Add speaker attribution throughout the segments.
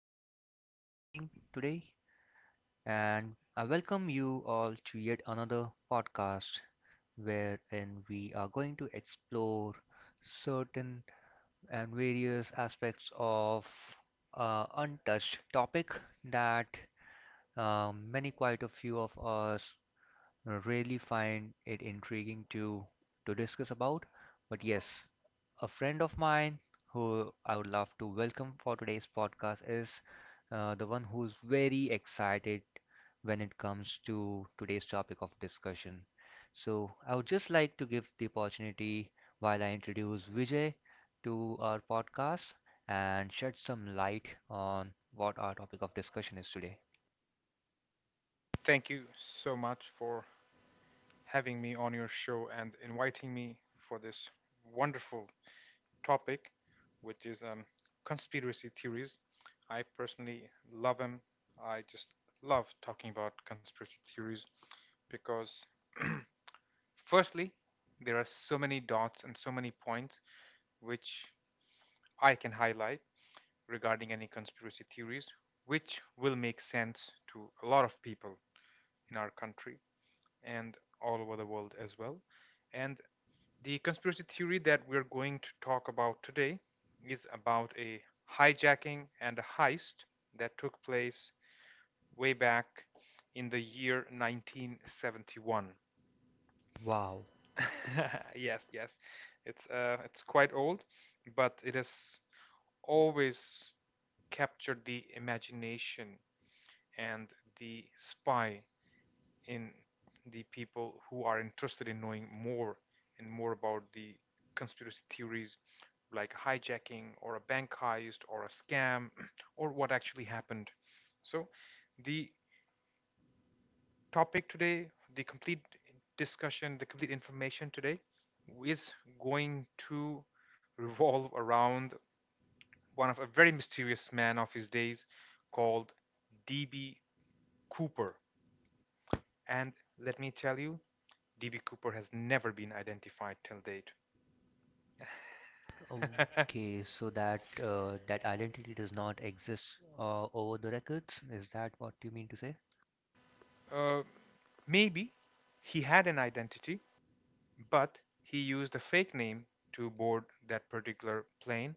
Speaker 1: having a wonderful evening today, and I welcome you all to yet another podcast wherein we are going to explore certain and various aspects of untouched topic that many quite a few of us really find it intriguing to discuss about. But yes, a friend of mine who I would love to welcome for today's podcast is the one who's very excited when it comes to today's topic of discussion. So I would just like to give the opportunity while I introduce Vijay to our podcast and shed some light on what our topic of discussion is today.
Speaker 2: Thank you so much for having me on your show and inviting me for this wonderful topic, which is conspiracy theories. I personally love them. I just love talking about conspiracy theories because, firstly, there are so many dots and so many points which I can highlight regarding any conspiracy theories, which will make sense to a lot of people in our country and all over the world as well. And the conspiracy theory that we're going to talk about today is about a hijacking and a heist that took place way back in the year 1971.
Speaker 1: Wow.
Speaker 2: Yes, yes, it's quite old, but it has always captured the imagination and the spy in the people who are interested in knowing more and more about the conspiracy theories like hijacking or a bank heist or a scam or what actually happened. So, the topic today, the complete discussion, the complete information today is going to revolve around one of a very mysterious man of his days called DB Cooper. And let me tell you, DB Cooper has never been identified till date.
Speaker 1: Okay, so that identity does not exist over the records. Is that what you mean to say?
Speaker 2: uh, Maybe he had an identity, but he used a fake name to board that particular plane,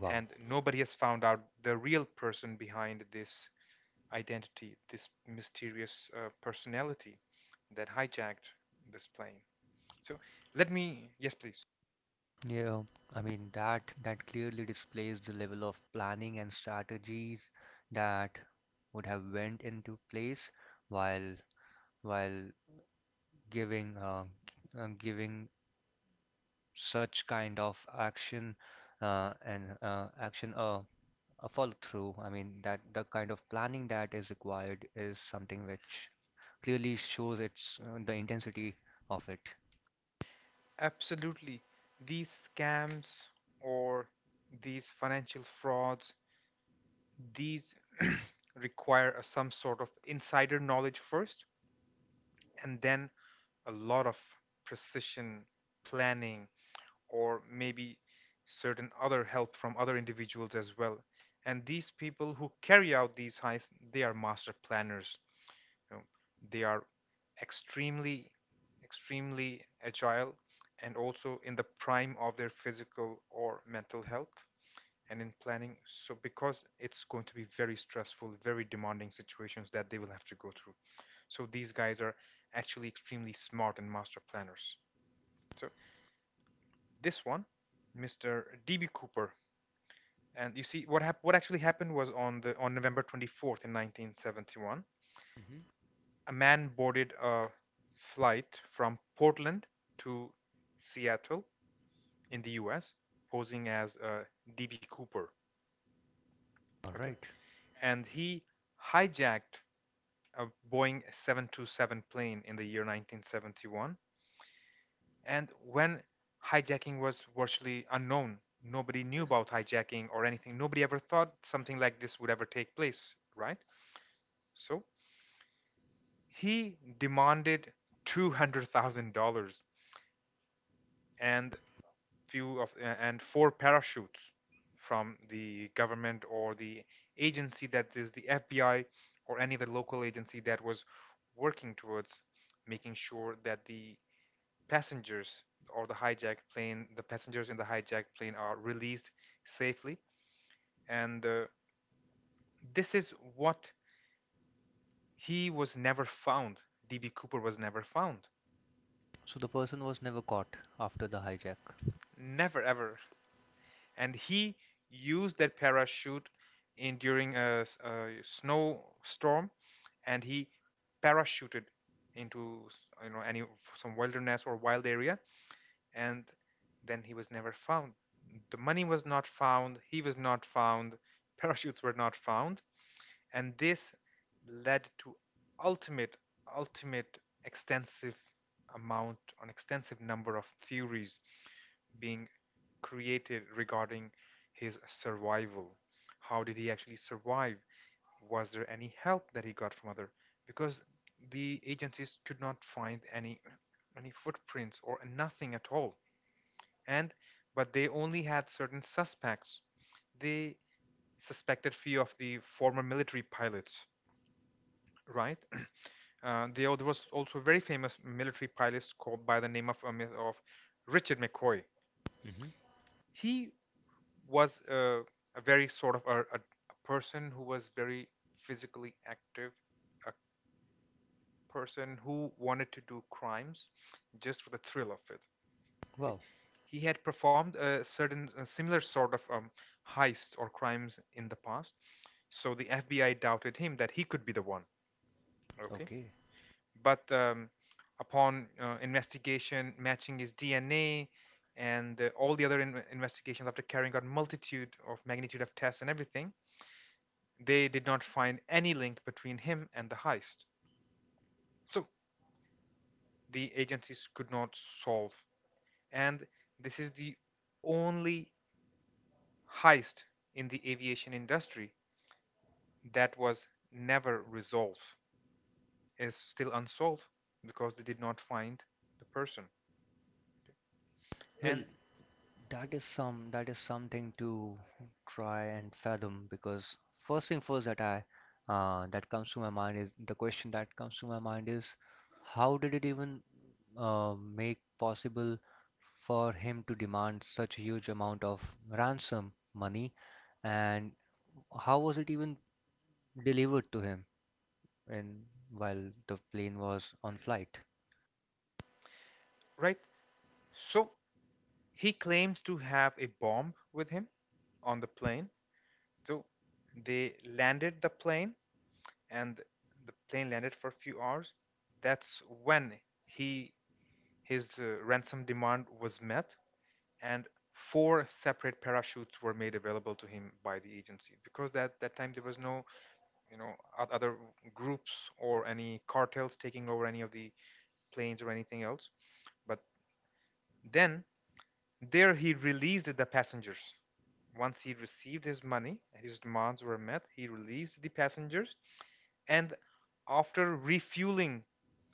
Speaker 1: Wow.
Speaker 2: and nobody has found out the real person behind this identity, this mysterious personality that hijacked this plane. So let me, yes, please.
Speaker 1: Yeah, I mean that clearly displays the level of planning and strategies that would have went into place while while giving giving such kind of action and action a follow through. I mean, that the kind of planning that is required is something which clearly shows its the intensity of it.
Speaker 2: Absolutely. These scams or these financial frauds These require some sort of insider knowledge first, and then a lot of precision planning, or maybe certain other help from other individuals as well. And these people who carry out these heists, they are master planners, you know. They are extremely, extremely agile and also in the prime of their physical or mental health and in planning. So because it's going to be very stressful, very demanding situations that they will have to go through. So these guys are actually extremely smart and master planners. So this one, Mr. D.B. Cooper, and you see what actually happened was on November 24th in 1971,
Speaker 1: Mm-hmm.
Speaker 2: a man boarded a flight from Portland to Seattle in the U.S. posing as D.B. Cooper.
Speaker 1: All
Speaker 2: Okay,
Speaker 1: right.
Speaker 2: and he hijacked a Boeing 727 plane in the year 1971. And when hijacking was virtually unknown, nobody knew about hijacking or anything. Nobody ever thought something like this would ever take place, right? So he demanded $200,000 and few of and four parachutes from the government or the agency, that is the FBI, or any other local agency that was working towards making sure that the passengers or the hijacked plane, the passengers in the hijacked plane, are released safely. And this is what, he was never found. DB Cooper was never found.
Speaker 1: So the person was never caught after the hijack.
Speaker 2: Never, ever. And he used that parachute in during a snowstorm and he parachuted into, you know, any some wilderness or wild area, and then he was never found. The money was not found, he was not found, parachutes were not found, and this led to ultimate, ultimate, extensive amount, an extensive number of theories being created regarding his survival. How did he actually survive? Was there any help that he got from other? Because the agencies could not find any footprints or nothing at all, and but they only had certain suspects. They suspected few of the former military pilots, right? There was also a very famous military pilot called by the name of Richard McCoy.
Speaker 1: Mm-hmm.
Speaker 2: He was a very sort of a person who was very physically active, a person who wanted to do crimes just for the thrill of it. Okay.
Speaker 1: Wow.
Speaker 2: He had performed a similar sort of heists or crimes in the past, so the FBI doubted him that he could be the one. Okay,
Speaker 1: Okay.
Speaker 2: but upon investigation, matching his DNA, and all the other investigations after carrying out multitude of magnitude of tests and everything, they did not find any link between him and the heist. So the agencies could not solve, and this is the only heist in the aviation industry that was never resolved, is still unsolved, because they did not find the person.
Speaker 1: Well,
Speaker 2: And
Speaker 1: That is something to try and fathom because first thing first that I that comes to my mind is the question that comes to my mind is how did it even make possible for him to demand such a huge amount of ransom money and how was it even delivered to him in while the plane was on flight?
Speaker 2: right, so he claimed to have a bomb with him on the plane. So they landed the plane, and the plane landed for a few hours. That's when he his ransom demand was met and four separate parachutes were made available to him by the agency because at that time there was no, you know, other groups or any cartels taking over any of the planes or anything else, but then there he released the passengers. Once he received his money and his demands were met, he released the passengers. And after refueling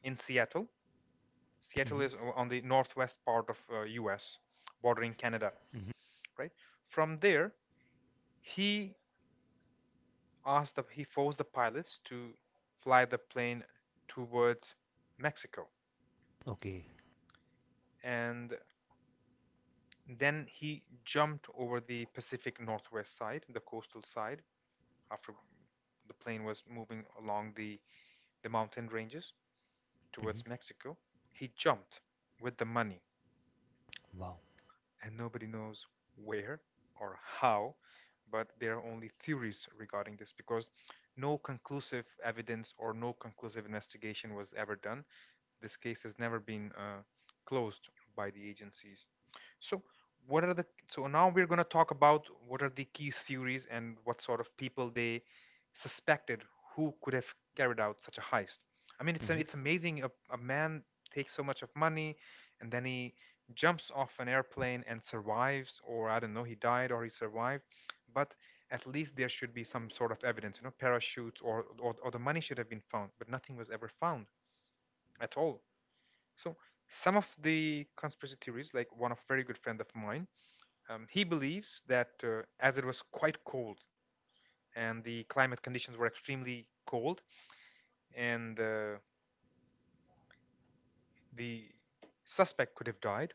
Speaker 2: in Seattle, Seattle
Speaker 1: Hmm.
Speaker 2: is on the northwest part of US, bordering Canada,
Speaker 1: Hmm.
Speaker 2: right? From there he he forced the pilots to fly the plane towards Mexico.
Speaker 1: Okay.
Speaker 2: And then he jumped over the Pacific Northwest side, the coastal side, after the plane was moving along the mountain ranges
Speaker 1: Hmm.
Speaker 2: towards Mexico. He jumped with the money,
Speaker 1: Wow.
Speaker 2: and nobody knows where or how, but there are only theories regarding this because no conclusive evidence or no conclusive investigation was ever done. This case has never been closed by the agencies. So, what are the so now we're going to talk about what are the key theories and what sort of people they suspected who could have carried out such a heist. I mean, it's
Speaker 1: Hmm.
Speaker 2: amazing, a man takes so much of money and then he jumps off an airplane and survives, or I don't know, he died or he survived. But at least there should be some sort of evidence, you know, parachutes or the money should have been found, but nothing was ever found at all. So some of the conspiracy theories, like one of very good friend of mine. He believes that as it was quite cold and the climate conditions were extremely cold, and the suspect could have died.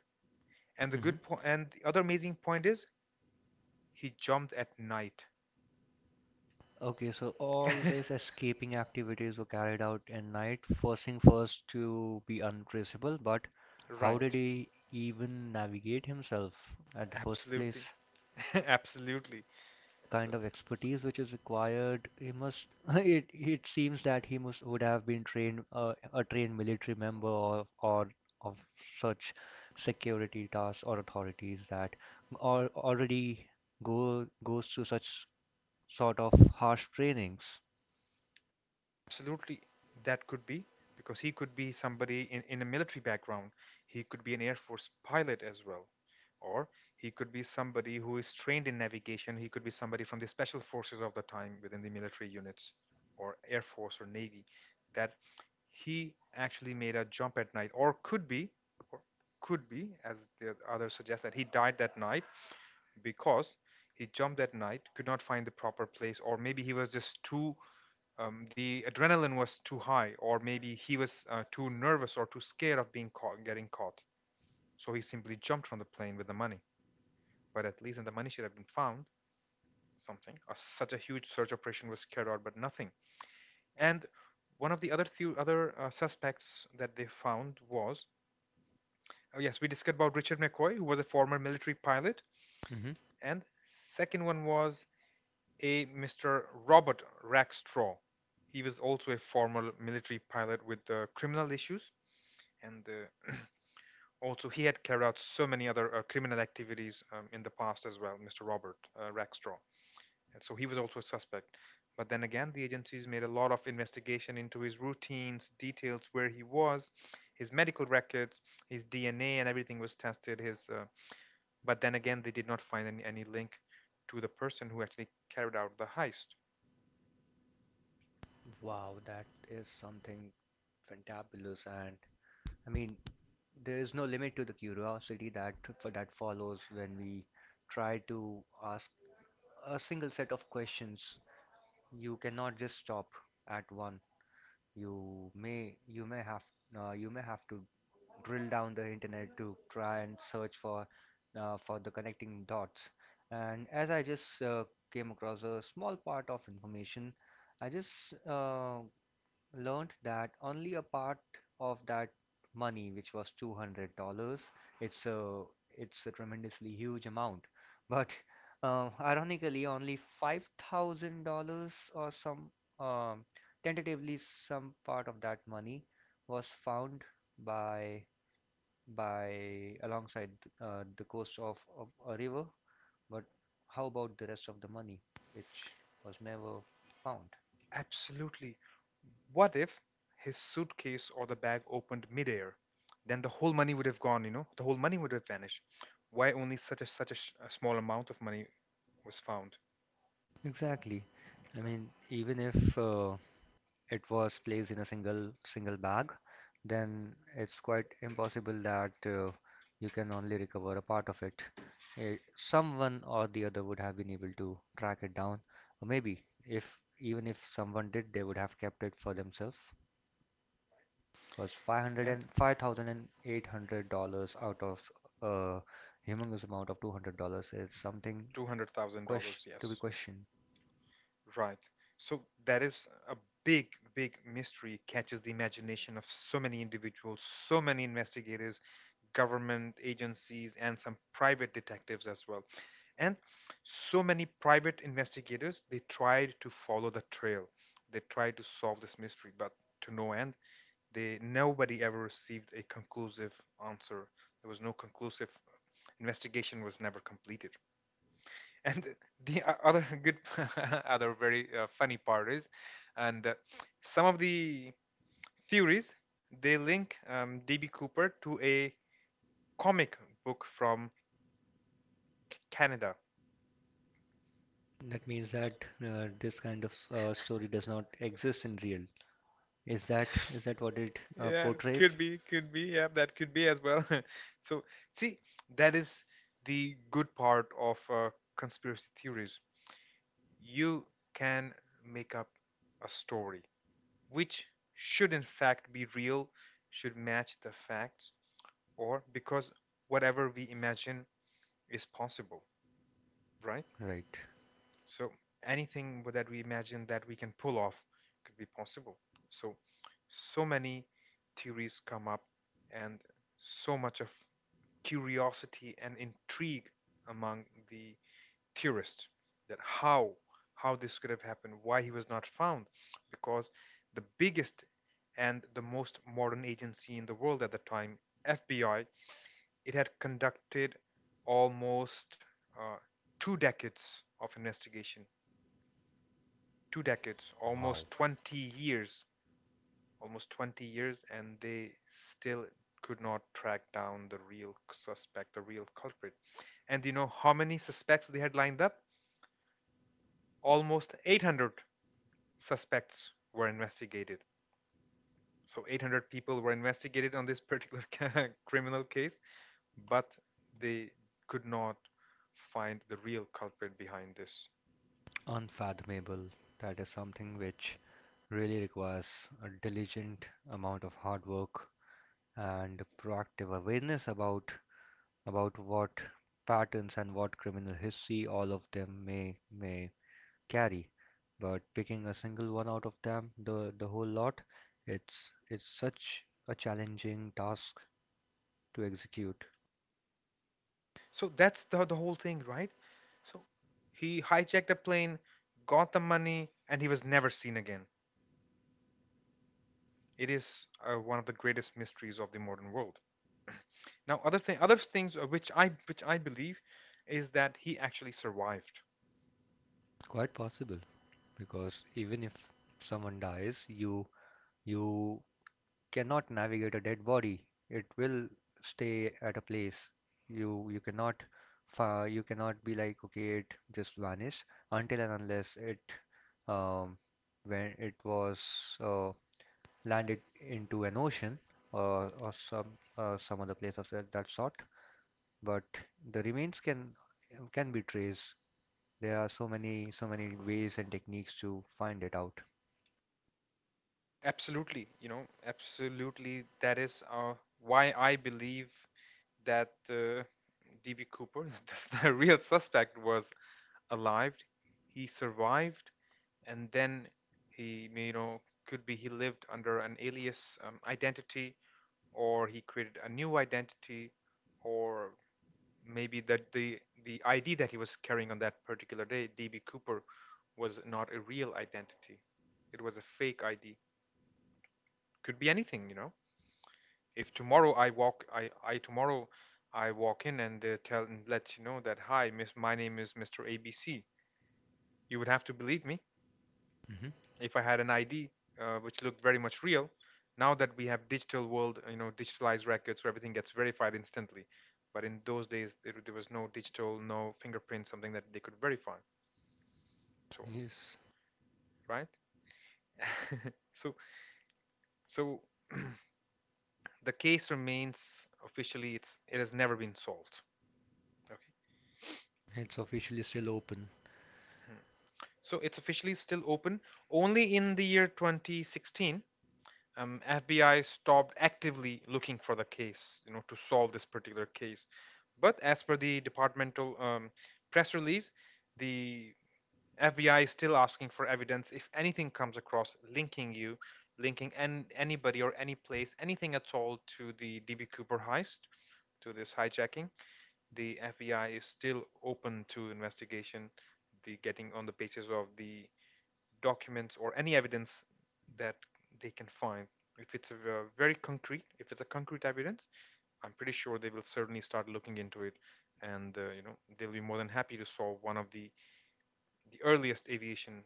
Speaker 2: And
Speaker 1: Hmm.
Speaker 2: the other amazing point is he jumped at night.
Speaker 1: Okay, so all these escaping activities were carried out in night, first thing first to be untraceable, but how did
Speaker 2: Right.
Speaker 1: he even navigate himself at the first
Speaker 2: Absolutely.
Speaker 1: place?
Speaker 2: Absolutely. So
Speaker 1: Kind of expertise which is required, he must it seems that he must would have been trained, a trained military member, or of such security tasks or authorities that or already go goes through such sort of harsh trainings.
Speaker 2: absolutely, that could be because he could be somebody in a military background. He could be an Air Force pilot as well. Or he could be somebody who is trained in navigation. He could be somebody from the special forces of the time within the military units or Air Force or Navy, that he actually made a jump at night, or could be, or could be as the others suggest that he died that night because he jumped at night, could not find the proper place, or maybe he was just too the adrenaline was too high, or maybe he was too nervous or too scared of being caught, getting caught. So he simply jumped from the plane with the money. But at least, and the money should have been found. Something. Such a huge search operation was carried out, but nothing. And one of the other few other suspects that they found was, oh yes, we discussed about Richard McCoy, who was a former military pilot,
Speaker 1: Mhm.
Speaker 2: and second one was a Mr. Robert Rackstraw. He was also a former military pilot with criminal issues, and also he had carried out so many other criminal activities in the past as well, Mr. Robert Rackstraw. And so he was also a suspect. But then again, the agencies made a lot of investigation into his routines, details where he was, his medical records, his DNA, and everything was tested. His, but then again, they did not find any link to the person who actually carried out the heist.
Speaker 1: Wow, that is something fantabulous, and I mean, there is no limit to the curiosity that follows when we try to ask a single set of questions. You cannot just stop at one. You may you may have you may have to drill down the internet to try and search for the connecting dots. And as I just came across a small part of information, I just learned that only a part of that money, which was $200, it's a it's a tremendously huge amount, but ironically, only $5,000 or some, um, tentatively, some part of that money was found by alongside the coast of a river, but how about the rest of the money, which was never found?
Speaker 2: Absolutely. What if his suitcase or the bag opened midair? Then the whole money would have gone, you know, the whole money would have vanished. Why only such a small amount of money was found?
Speaker 1: Exactly. I mean, even if it was placed in a single bag, then it's quite impossible that you can only recover a part of it. Eh, Someone or the other would have been able to track it down, or maybe if even if someone did, they would have kept it for themselves. Because five hundred
Speaker 2: And
Speaker 1: and five thousand and eight hundred dollars out of a humongous amount of $200 is something
Speaker 2: two hundred thousand
Speaker 1: question
Speaker 2: dollars,
Speaker 1: to be
Speaker 2: yes,
Speaker 1: questioned.
Speaker 2: right. So that is a big, big mystery, catches the imagination of so many individuals, so many investigators, government agencies and some private detectives as well, and so many private investigators. They tried to follow the trail, they tried to solve this mystery, but to no end. They, nobody ever received a conclusive answer. There was no conclusive investigation, was never completed. And the o- other good other very funny part is, and some of the theories, they link DB Cooper to a comic book from Canada.
Speaker 1: That means that this kind of story does not exist in real. Is that what it
Speaker 2: Yeah,
Speaker 1: portrays?
Speaker 2: could be, could be. Yeah, that could be as well. So, see, that is the good part of conspiracy theories. You can make up a story which should, in fact, be real, should match the facts, or because whatever we imagine is possible, right?
Speaker 1: Right.
Speaker 2: So anything that we imagine that we can pull off could be possible. So so many theories come up and so much of curiosity and intrigue among the theorists that how this could have happened, why he was not found, because the biggest and the most modern agency in the world at the time, FBI, it had conducted almost uh, two decades of investigation, two decades,
Speaker 1: Wow.
Speaker 2: almost 20 years, almost 20 years, and they still could not track down the real suspect, the real culprit. And you know how many suspects they had lined up? Almost 800 suspects were investigated. So 800 people were investigated on this particular criminal case, but they could not find the real culprit behind this.
Speaker 1: Unfathomable. That is something which really requires a diligent amount of hard work and proactive awareness about what patterns and what criminal history all of them may carry. But picking a single one out of them, the whole lot, it's such a challenging task to execute.
Speaker 2: So that's the whole thing, right? So he hijacked a plane, got the money, and he was never seen again. It is one of the greatest mysteries of the modern world. Now, other thing, other things which I believe is that he actually survived.
Speaker 1: Quite possible, because even if someone dies, you cannot navigate a dead body. It will stay at a place. You you cannot you cannot be like, okay, it just vanished, until and unless it, um, when it was uh, landed into an ocean, or some, some other place of that sort. But the remains can be traced. There are so many ways and techniques to find it out.
Speaker 2: Absolutely, you know, absolutely. That is why I believe that DB Cooper, that's the real suspect, was alive. He survived, and then he, you know, could be he lived under an alias identity, or he created a new identity, or maybe that the ID that he was carrying on that particular day, DB Cooper, was not a real identity. It was a fake ID, could be anything, you know. If tomorrow I walk, I tomorrow I walk in and tell and let you know that hi miss, my name is Mr ABC, you would have to believe me
Speaker 1: Hmm.
Speaker 2: if I had an ID which looked very much real. Now that we have digital world, you know, digitalized records, so everything gets verified instantly. But in those days, there was no digital, no fingerprint, something that they could verify. So,
Speaker 1: Yes,
Speaker 2: right? So, so the case remains, officially it's, it has never been solved. Okay.
Speaker 1: it's officially still open.
Speaker 2: Hmm. So it's officially still open. Only in the year 2016 FBI stopped actively looking for the case, you know, to solve this particular case. But as per the departmental press release, the FBI is still asking for evidence if anything comes across linking you, linking an anybody or any place, anything at all to the DB Cooper heist, to this hijacking. The FBI is still open to investigation, the getting on the basis of the documents or any evidence that they can find. If it's a very concrete, if it's a concrete evidence, I'm pretty sure they will certainly start looking into it, and you know, they'll be more than happy to solve one of the earliest aviation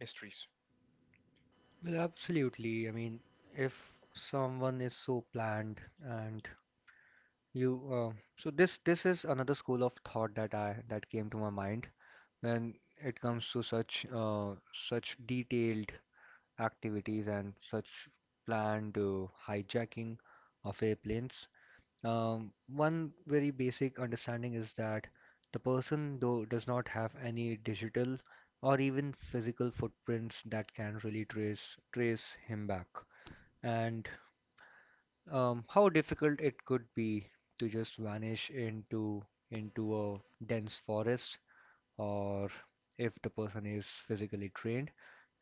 Speaker 2: mysteries.
Speaker 1: Well, absolutely. I mean, if someone is so planned and you, uh, so this is another school of thought that I that came to my mind when it comes to such, detailed activities and such planned hijacking of airplanes. One very basic understanding is that the person, though, does not have any digital or even physical footprints that can really trace him back, and how difficult it could be to just vanish into a dense forest, or if the person is physically trained,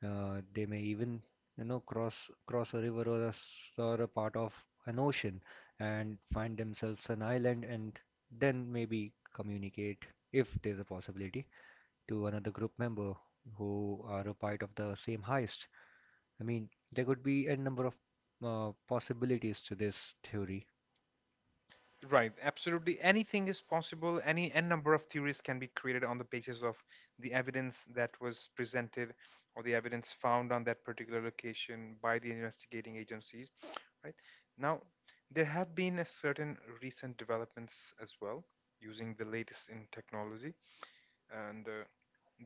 Speaker 1: they may even, you know, cross a river or a part of an ocean and find themselves an island and then maybe communicate, if there's a possibility, to another group member who are a part of the same heist. I mean, there could be a number of possibilities to this theory.
Speaker 2: Right, absolutely. Anything is possible. Any n number of theories can be created on the basis of the evidence that was presented or the evidence found on that particular location by the investigating agencies. Right now, there have been a certain recent developments as well using the latest in technology, and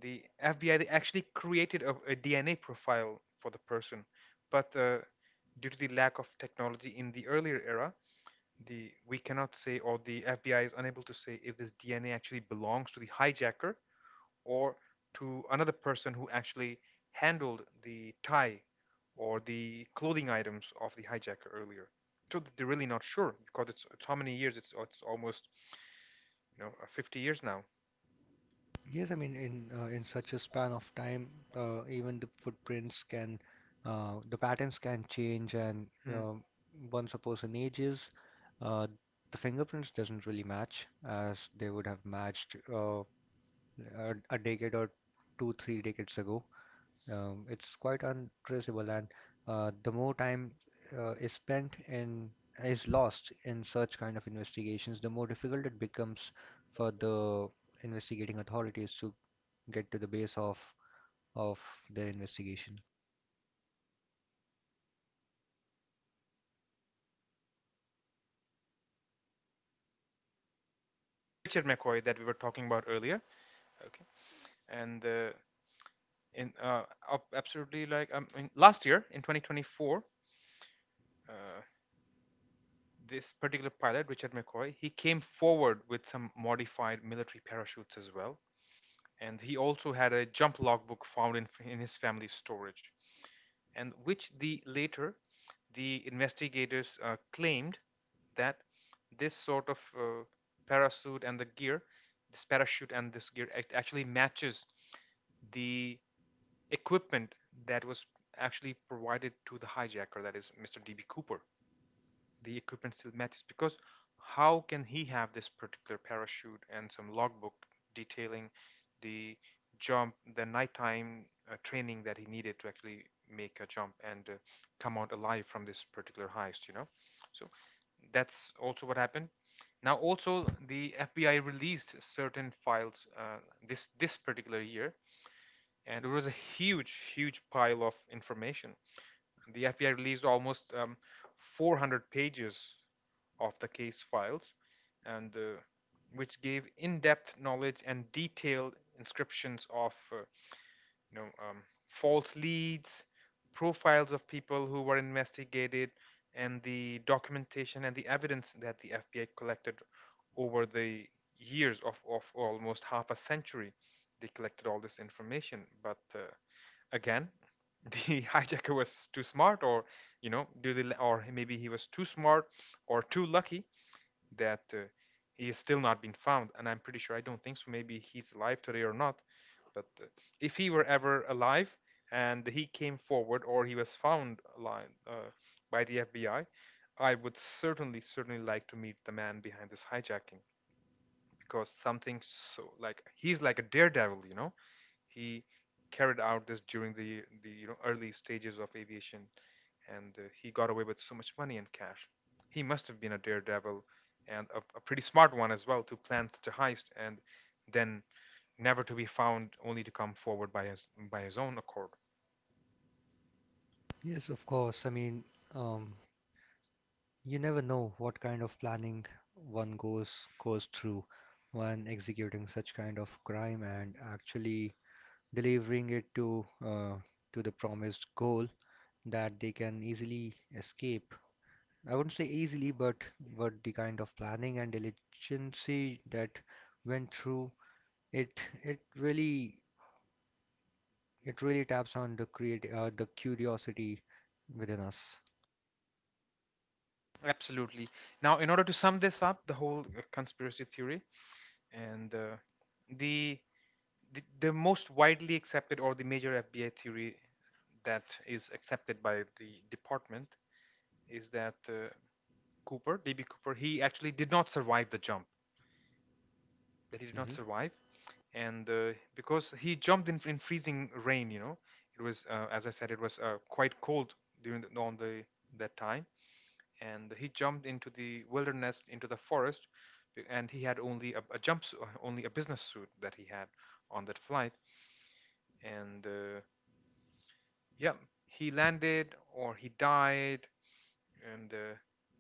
Speaker 2: the FBI, they actually created a DNA profile for the person, but due to the lack of technology in the earlier era, the we cannot say or the FBI is unable to say if this DNA actually belongs to the hijacker or to another person who actually handled the tie or the clothing items of the hijacker earlier. So they're really not sure because it's how many years? It's almost, you know, 50 years now.
Speaker 1: Yes, I mean, in such a span of time, even the footprints can, the patterns can change, and
Speaker 2: Hmm.
Speaker 1: um once a person ages, uh, the fingerprints doesn't really match as they would have matched, a, decade or two, three decades ago. It's quite untraceable, and the more time uh, is spent in is lost in such kind of investigations, the more difficult it becomes for the investigating authorities to get to the base of their investigation.
Speaker 2: Richard McCoy that we were talking about earlier. Okay, and in absolutely, like last year in 2024, uh, this particular pilot, Richard McCoy, he came forward with some modified military parachutes as well. And he also had a jump logbook found in his family's storage, and which the later the investigators claimed that this sort of parachute and the gear, this parachute and this gear actually matches the equipment that was actually provided to the hijacker, that is Mr. DB Cooper. The equipment still matches because how can he have this particular parachute and some logbook detailing the jump, the nighttime training that he needed to actually make a jump and come out alive from this particular heist, you know? So that's also what happened. Now, also the FBI released certain files this this particular year, and it was a huge, huge pile of information. The FBI released almost 400 pages of the case files, and which gave in-depth knowledge and detailed inscriptions of you know, false leads, profiles of people who were investigated, and the documentation and the evidence that the FBI collected over the years of almost half a century. They collected all this information, but again the hijacker was too smart, or you know do the, or maybe he was too smart or too lucky, that he is still not been found. And I'm pretty sure, I don't think so, maybe he's alive today or not, but if he were ever alive and he came forward, or he was found alive by the FBI, I would certainly, certainly like to meet the man behind this hijacking, because something so, like, he's like a daredevil, you know. He carried out this during the you know, early stages of aviation, and he got away with so much money and cash. He must have been a daredevil and a pretty smart one as well to plan such a heist and then never to be found, only to come forward by his own accord.
Speaker 1: Yes, of course. I mean, um, you never know what kind of planning one goes through when executing such kind of crime and actually delivering it to the promised goal. That they can easily escape. I wouldn't say easily, but the kind of planning and diligency that went through, it it really it really taps on the curiosity within us.
Speaker 2: Absolutely. Now, in order to sum this up, the whole conspiracy theory and the, the most widely accepted or the major FBI theory that is accepted by the department is that Cooper, DB Cooper, he actually did not survive the jump. That he did not
Speaker 1: Mhm.
Speaker 2: survive, and because he jumped in freezing rain, you know, it was as I said, it was quite cold during on the that time, and he jumped into the wilderness, into the forest, and he had only a jump, only a business suit that he had on that flight, and yeah, he landed or he died, and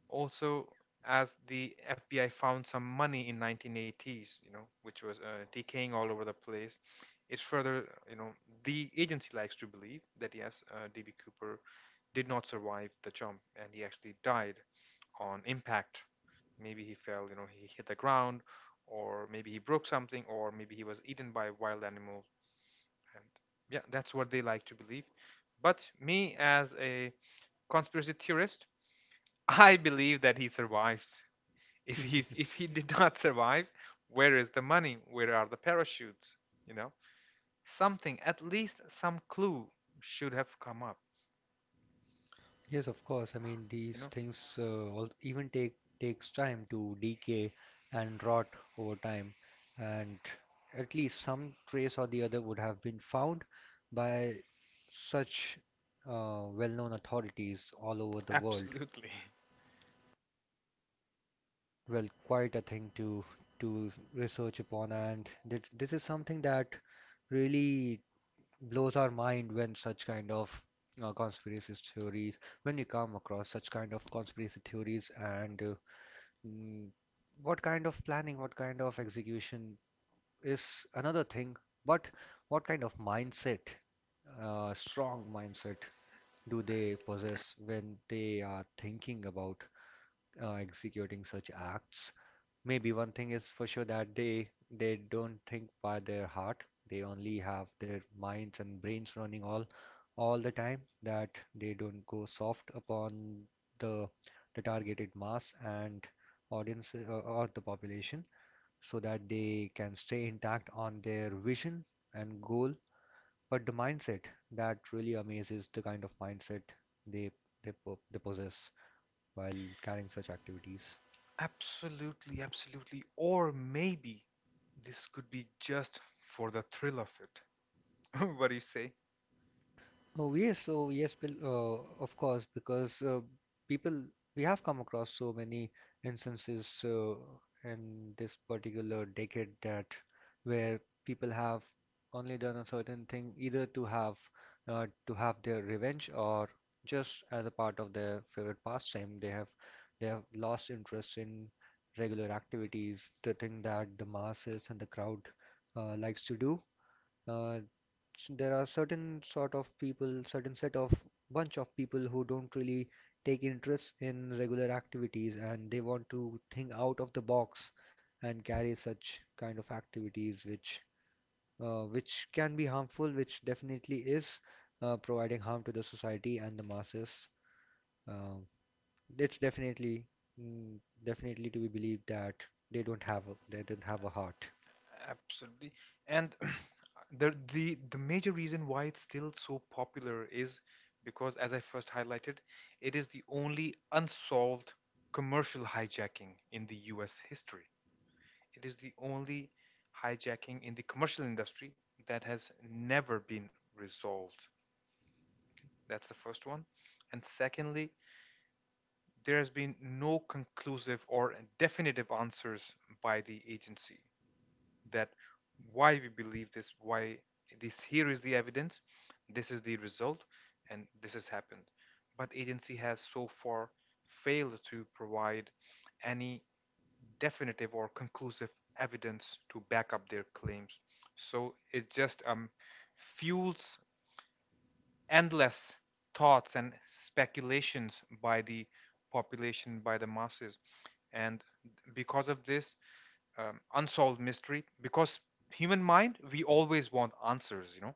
Speaker 2: also as the FBI found some money in 1980s, you know, which was decaying all over the place. It's further, you know, the agency likes to believe that yes, D.B. Cooper did not survive the jump, and he actually died on impact. Maybe he fell, you know, he hit the ground, or maybe he broke something, or maybe he was eaten by a wild animal. And yeah, that's what they like to believe. But me, as a conspiracy theorist, I believe that he survived. If he's, if he did not survive, where is the money? Where are the parachutes? You know, something, at least some clue, should have come up.
Speaker 1: Yes, of course. I mean,
Speaker 2: You
Speaker 1: these
Speaker 2: know,
Speaker 1: things, even takes time to decay and rot over time, and at least some trace or the other would have been found by such, well-known authorities all over the world.
Speaker 2: absolutely,
Speaker 1: Well, quite a thing to research upon, and th this is something that really blows our mind when such kind of, conspiracy theories, when you come across such kind of conspiracy theories, and mm, what kind of planning, what kind of execution is another thing, but what kind of mindset, strong mindset, do they possess when they are thinking about executing such acts. Maybe one thing is for sure, that they don't think by their heart. They only have their minds and brains running all the time. That they don't go soft upon the the targeted mass and audience, or the population, so that they can stay intact on their vision and goal. But the mindset that really amazes, the kind of mindset they they possess while carrying such activities.
Speaker 2: absolutely, absolutely. Or maybe this could be just for the thrill of it. What do you say?
Speaker 1: Oh yes, so yes, Bill, of course, because, people, we have come across so many instances, in this particular decade that where people have only done a certain thing either to have, their revenge, or just as a part of their favorite pastime, they have lost interest in regular activities, the thing that the masses and the crowd likes to do. Uh, there are certain sort of people, certain set of bunch of people who don't really take interest in regular activities, and they want to think out of the box and carry such kind of activities, which can be harmful, which definitely is providing harm to the society and the masses. Um it's definitely, mm, definitely, to be believed that they don't they don't have a heart.
Speaker 2: Absolutely. And the major reason why it's still so popular is because, as I first highlighted, it is the only unsolved commercial hijacking in the US history. It is the only hijacking in the commercial industry that has never been resolved. That's the first one. And secondly, there has been no conclusive or definitive answers by the agency. That why we believe this, why this, here is the evidence, this is the result, and this has happened. But agency has so far failed to provide any definitive or conclusive evidence to back up their claims. So it just fuels endless thoughts and speculations by the population, by the masses. And because of this, unsolved mystery, because human mind, we always want answers, you know.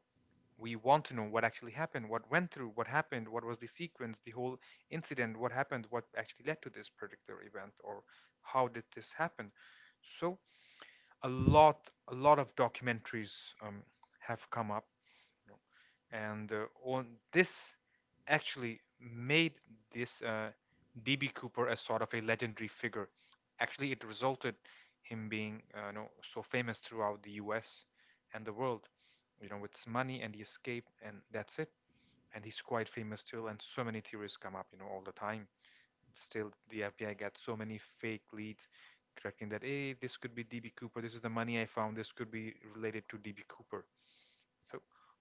Speaker 2: We want to know what actually happened, what went through, what happened, what was the sequence, the whole incident, what happened, what actually led to this particular event, or how did this happen. So a lot, of documentaries um, have come up, you know. And on this actually made this DB Cooper as sort of a legendary figure. Actually, it resulted him being you know, so famous throughout the U.S. and the world. You know, with his money and the escape, and that's it. And he's quite famous still, and so many theories come up, you know, all the time. Still, the FBI got so many fake leads, correcting that, hey, this could be DB Cooper. This is the money I found. This could be related to DB Cooper. So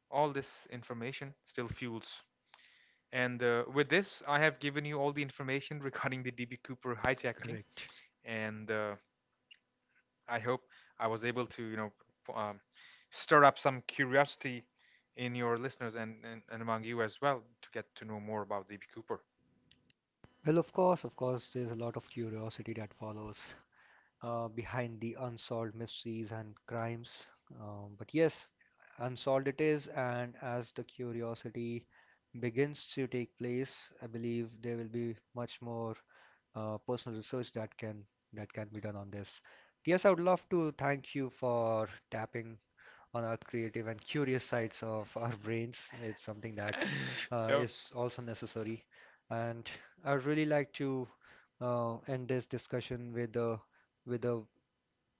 Speaker 2: all this information still fuels. And with this, I have given you all the information regarding the DB Cooper hijacking,
Speaker 1: Correct.
Speaker 2: and I hope I was able to, you know, p- um, stir up some curiosity in your listeners and, and among you as well to get to know more about DB Cooper.
Speaker 1: Well, of course, there's a lot of curiosity that follows behind the unsolved mysteries and crimes. But yes, unsolved it is, and as the curiosity begins to take place, I believe there will be much more personal research that can be done on this. Yes, I would love to thank you for tapping on our creative and curious sides of our brains. It's something that
Speaker 2: Yeah.
Speaker 1: is also necessary, and I'd really like to end this discussion with a with a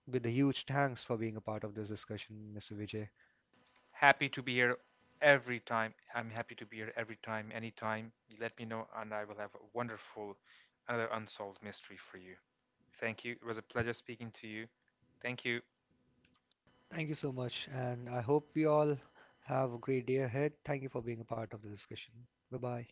Speaker 1: huge thanks for being a part of this discussion, Mr. Vijay.
Speaker 2: Happy to be here every time. I'm happy to be here every time, anytime. You let me know, and I will have a wonderful, another unsolved mystery for you. Thank you. It was a pleasure speaking to you. Thank you.
Speaker 1: Thank you so much, and I hope we all have a great day ahead. Thank you for being a part of the discussion. Bye bye.